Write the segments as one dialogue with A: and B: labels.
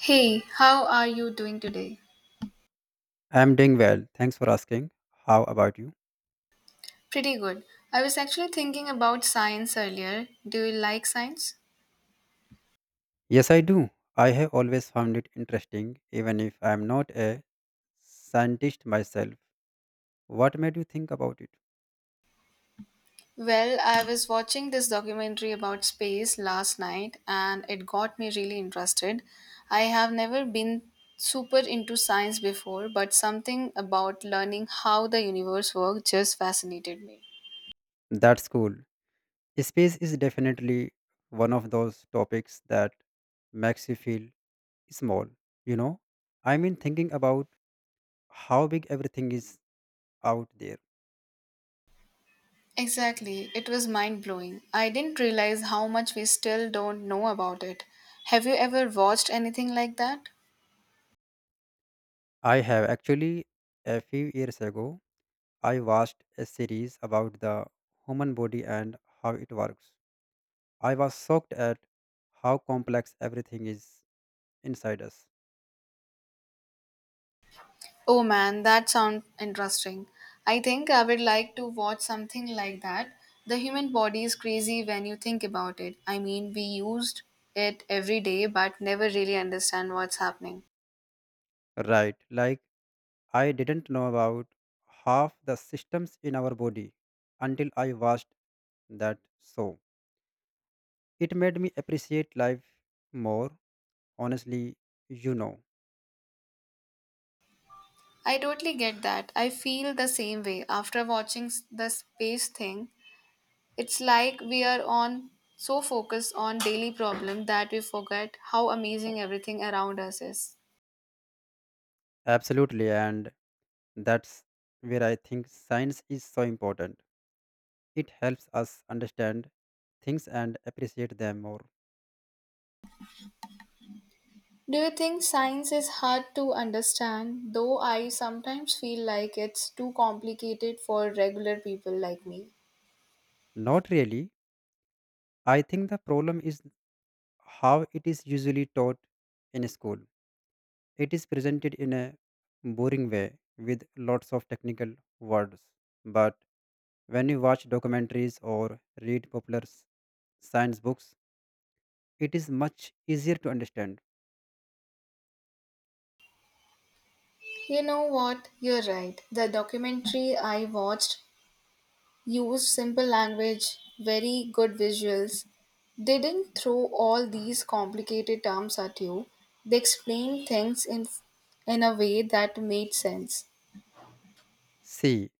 A: Hey, how are you doing today?
B: I'm doing well. Thanks for asking. How about you?
A: Pretty good. I was actually thinking about science earlier. Do you like science?
B: Yes, I do. I have always found it interesting, even if I'm not a scientist myself. What made you think about it?
A: Well, I was watching this documentary about space last night and it got me really interested. I have never been super into science before, but something about learning how the universe works just fascinated me.
B: That's cool. Space is definitely one of those topics that makes you feel small. You know, I mean, thinking about how big everything is out there.
A: Exactly, it was mind blowing. I didn't realize how much we still don't know about it. Have you ever watched anything like that?
B: I have actually, a few years ago, I watched a series about the human body and how it works. I was shocked at how complex everything is inside us.
A: Oh man, that sounds interesting. I think I would like to watch something like that. The human body is crazy when you think about it. I mean, we used it every day but never really understand what's happening.
B: Right, like I didn't know about half the systems in our body until I watched that show. It made me appreciate life more, honestly, you know.
A: I totally get that. I feel the same way after watching the space thing. It's like we are on so focused on daily problem that we forget how amazing everything around us is.
B: Absolutely, and that's where I think science is so important. It helps us understand things and appreciate them more.
A: Do you think science is hard to understand? Though I sometimes feel like it's too complicated for regular people like me.
B: Not really. I think the problem is how it is usually taught in school. It is presented in a boring way with lots of technical words. But when you watch documentaries or read science books, it is much easier to understand.
A: You know what? You're right. The documentary I watched used simple language, very good visuals. They didn't throw all these complicated terms at you. They explained things in a way that made sense.
B: See,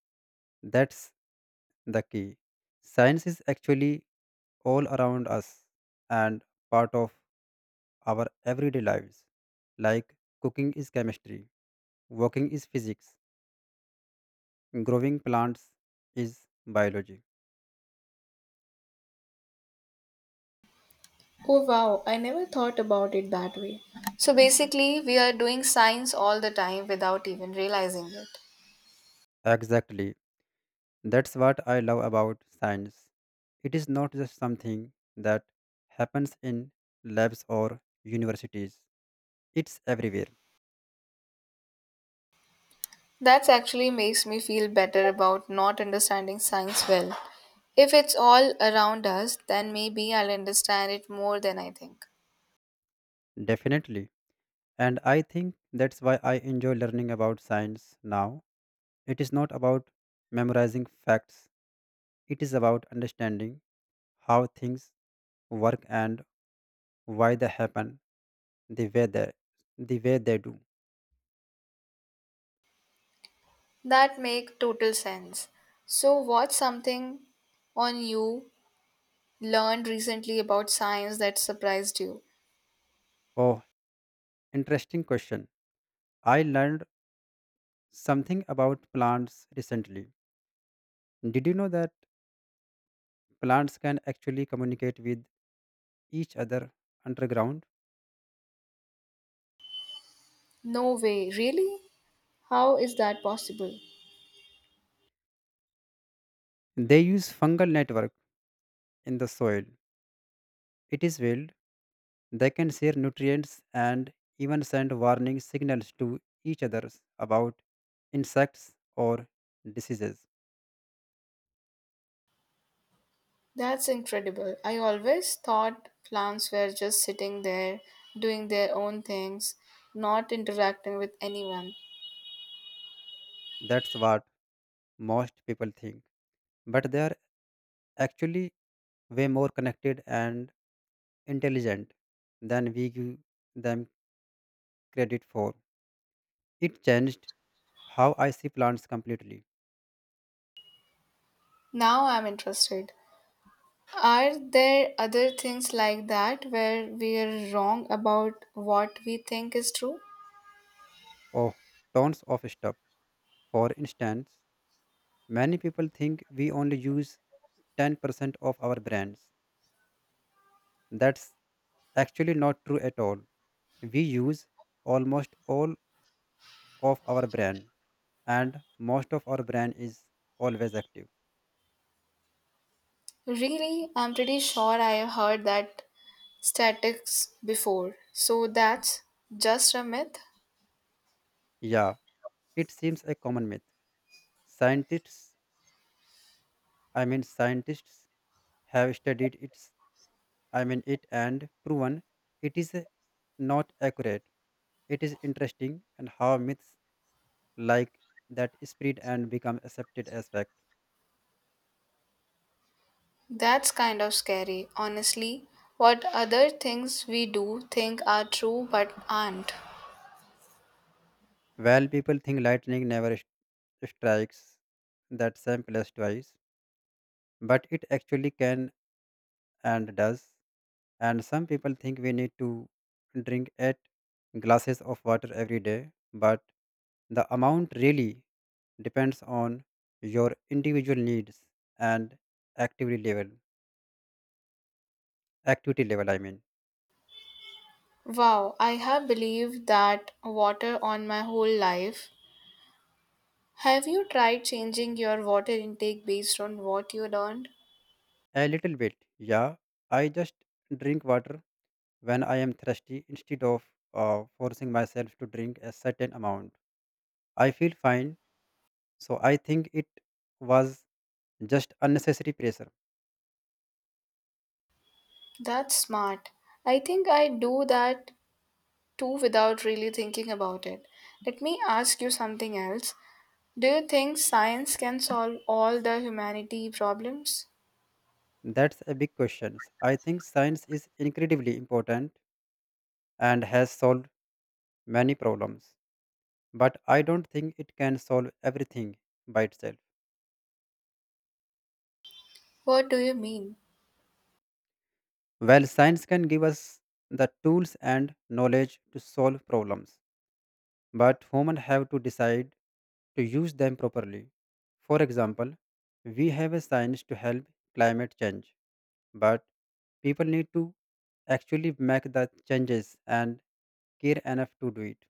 B: that's the key. Science is actually all around us and part of our everyday lives. Like cooking is chemistry, walking is physics, growing plants is biology.
A: Oh wow, I never thought about it that way. So basically, we are doing science all the time without even realizing it.
B: Exactly. That's what I love about science. It is not just something that happens in labs or universities, it's everywhere.
A: That actually makes me feel better about not understanding science well. If it's all around us, then maybe I'll understand it more than I think.
B: Definitely. And I think that's why I enjoy learning about science now. It is not about memorizing facts, it is about understanding how things work and why they happen the way they, the way they do.
A: That make total sense. So what's something on you learned recently about science that surprised you?
B: Oh, interesting question. I learned something about plants recently. Did you know that plants can actually communicate with each other underground?
A: No way, really? How is that possible?
B: They use fungal network in the soil. It is wild. They can share nutrients and even send warning signals to each other about insects or diseases.
A: That's incredible. I always thought plants were just sitting there doing their own things, not interacting with anyone.
B: That's what most people think. But they are actually way more connected and intelligent than we give them credit for. It changed how I see plants completely.
A: Now I'm interested. Are there other things like that where we're wrong about what we think is true?
B: Of tons of stuff. For instance, many people think we only use 10% of our brains. That's actually not true at all. We use almost all of our brain, and most of our brain is always active.
A: Really, I'm pretty sure I have heard that statics before. So that's just a myth?
B: Yeah, it seems a common myth. Scientists, scientists have studied it and proven it is not accurate. It is interesting and how myths like that spread and become accepted as fact.
A: That's kind of scary, honestly. What other things we do think are true but aren't.
B: While people think lightning never strikes that same place twice, but it actually can and does. And some people think we need to drink 8 glasses of water every day, but the amount really depends on your individual needs and activity level activity level.
A: Wow, I have believed that water on my whole life. Have you tried changing your water intake based on what you learned?
B: A little bit, yeah. I just drink water when I am thirsty instead of forcing myself to drink a certain amount. I feel fine, so I think it was just unnecessary pressure.
A: That's smart. I think I do that too without really thinking about it. Let me ask you something else. Do you think science can solve all the humanity problems?
B: That's a big question. I think science is incredibly important and has solved many problems, but I don't think it can solve everything by itself.
A: What do you mean?
B: Well, science can give us the tools and knowledge to solve problems but humans have to decide to use them properly. For example, we have a science to help climate change, but people need to actually make the changes and care enough to do it.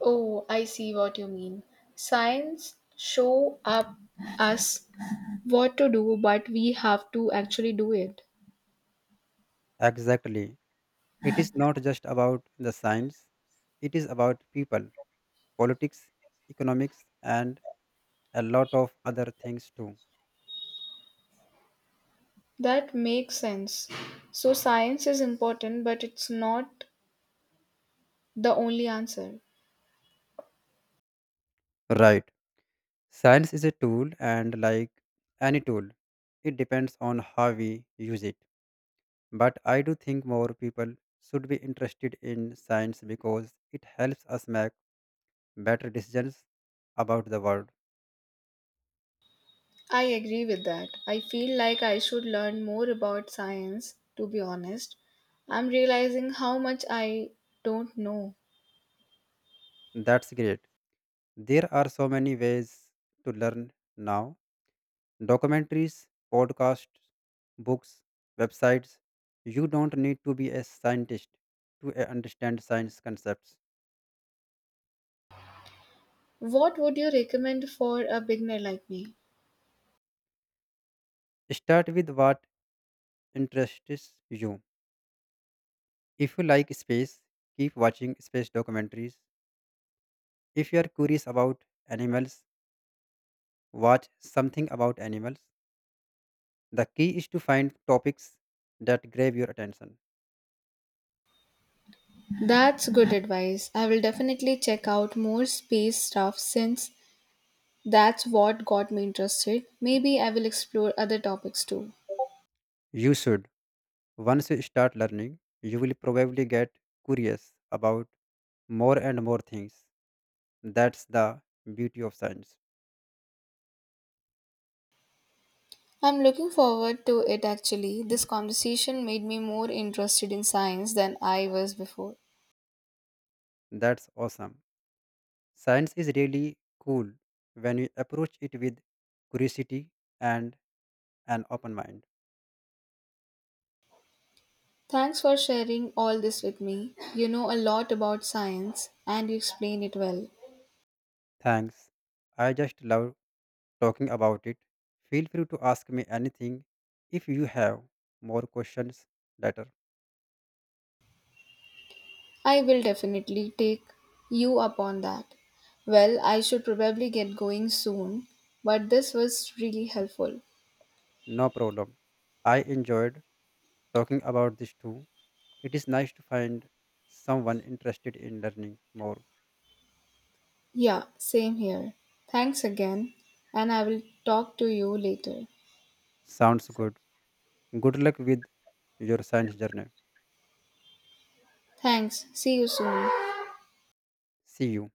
A: Oh, I see what you mean. Science show up us what to do, but we have to actually do it.
B: Exactly. It is not just about the science, it is about people, politics, economics, and a lot of other things too.
A: That makes sense. So, science is important, but it's not the only answer.
B: Right. Science is a tool, and like any tool, it depends on how we use it. But I do think more people should be interested in science because it helps us make better decisions about the world.
A: I agree with that. I feel like I should learn more about science, to be honest. I'm realizing how much I don't know.
B: That's great. There are so many ways to learn now: documentaries, podcasts, books, websites. You don't need to be a scientist to understand science concepts.
A: What would you recommend for a beginner like me?
B: Start with what interests you. If you like space, keep watching space documentaries. If you are curious about animals, watch something about animals. The key is to find topics that grab your attention.
A: That's good advice. I will definitely check out more space stuff since that's what got me interested. Maybe I will explore other topics too.
B: You should. Once you start learning, you will probably get curious about more and more things. That's the beauty of science.
A: I'm looking forward to it actually. This conversation made me more interested in science than I was before.
B: That's awesome. Science is really cool when you approach it with curiosity and an open mind.
A: Thanks for sharing all this with me. You know a lot about science and you explain it well.
B: Thanks. I just love talking about it. Feel free to ask me anything if you have more questions later.
A: I will definitely take you up on that. Well, I should probably get going soon, but this was really helpful.
B: No problem. I enjoyed talking about this too. It is nice to find someone interested in learning more.
A: Yeah, same here. Thanks again, and I will talk to you later.
B: Sounds good. Good luck with your science journey.
A: Thanks. See you soon.
B: See you.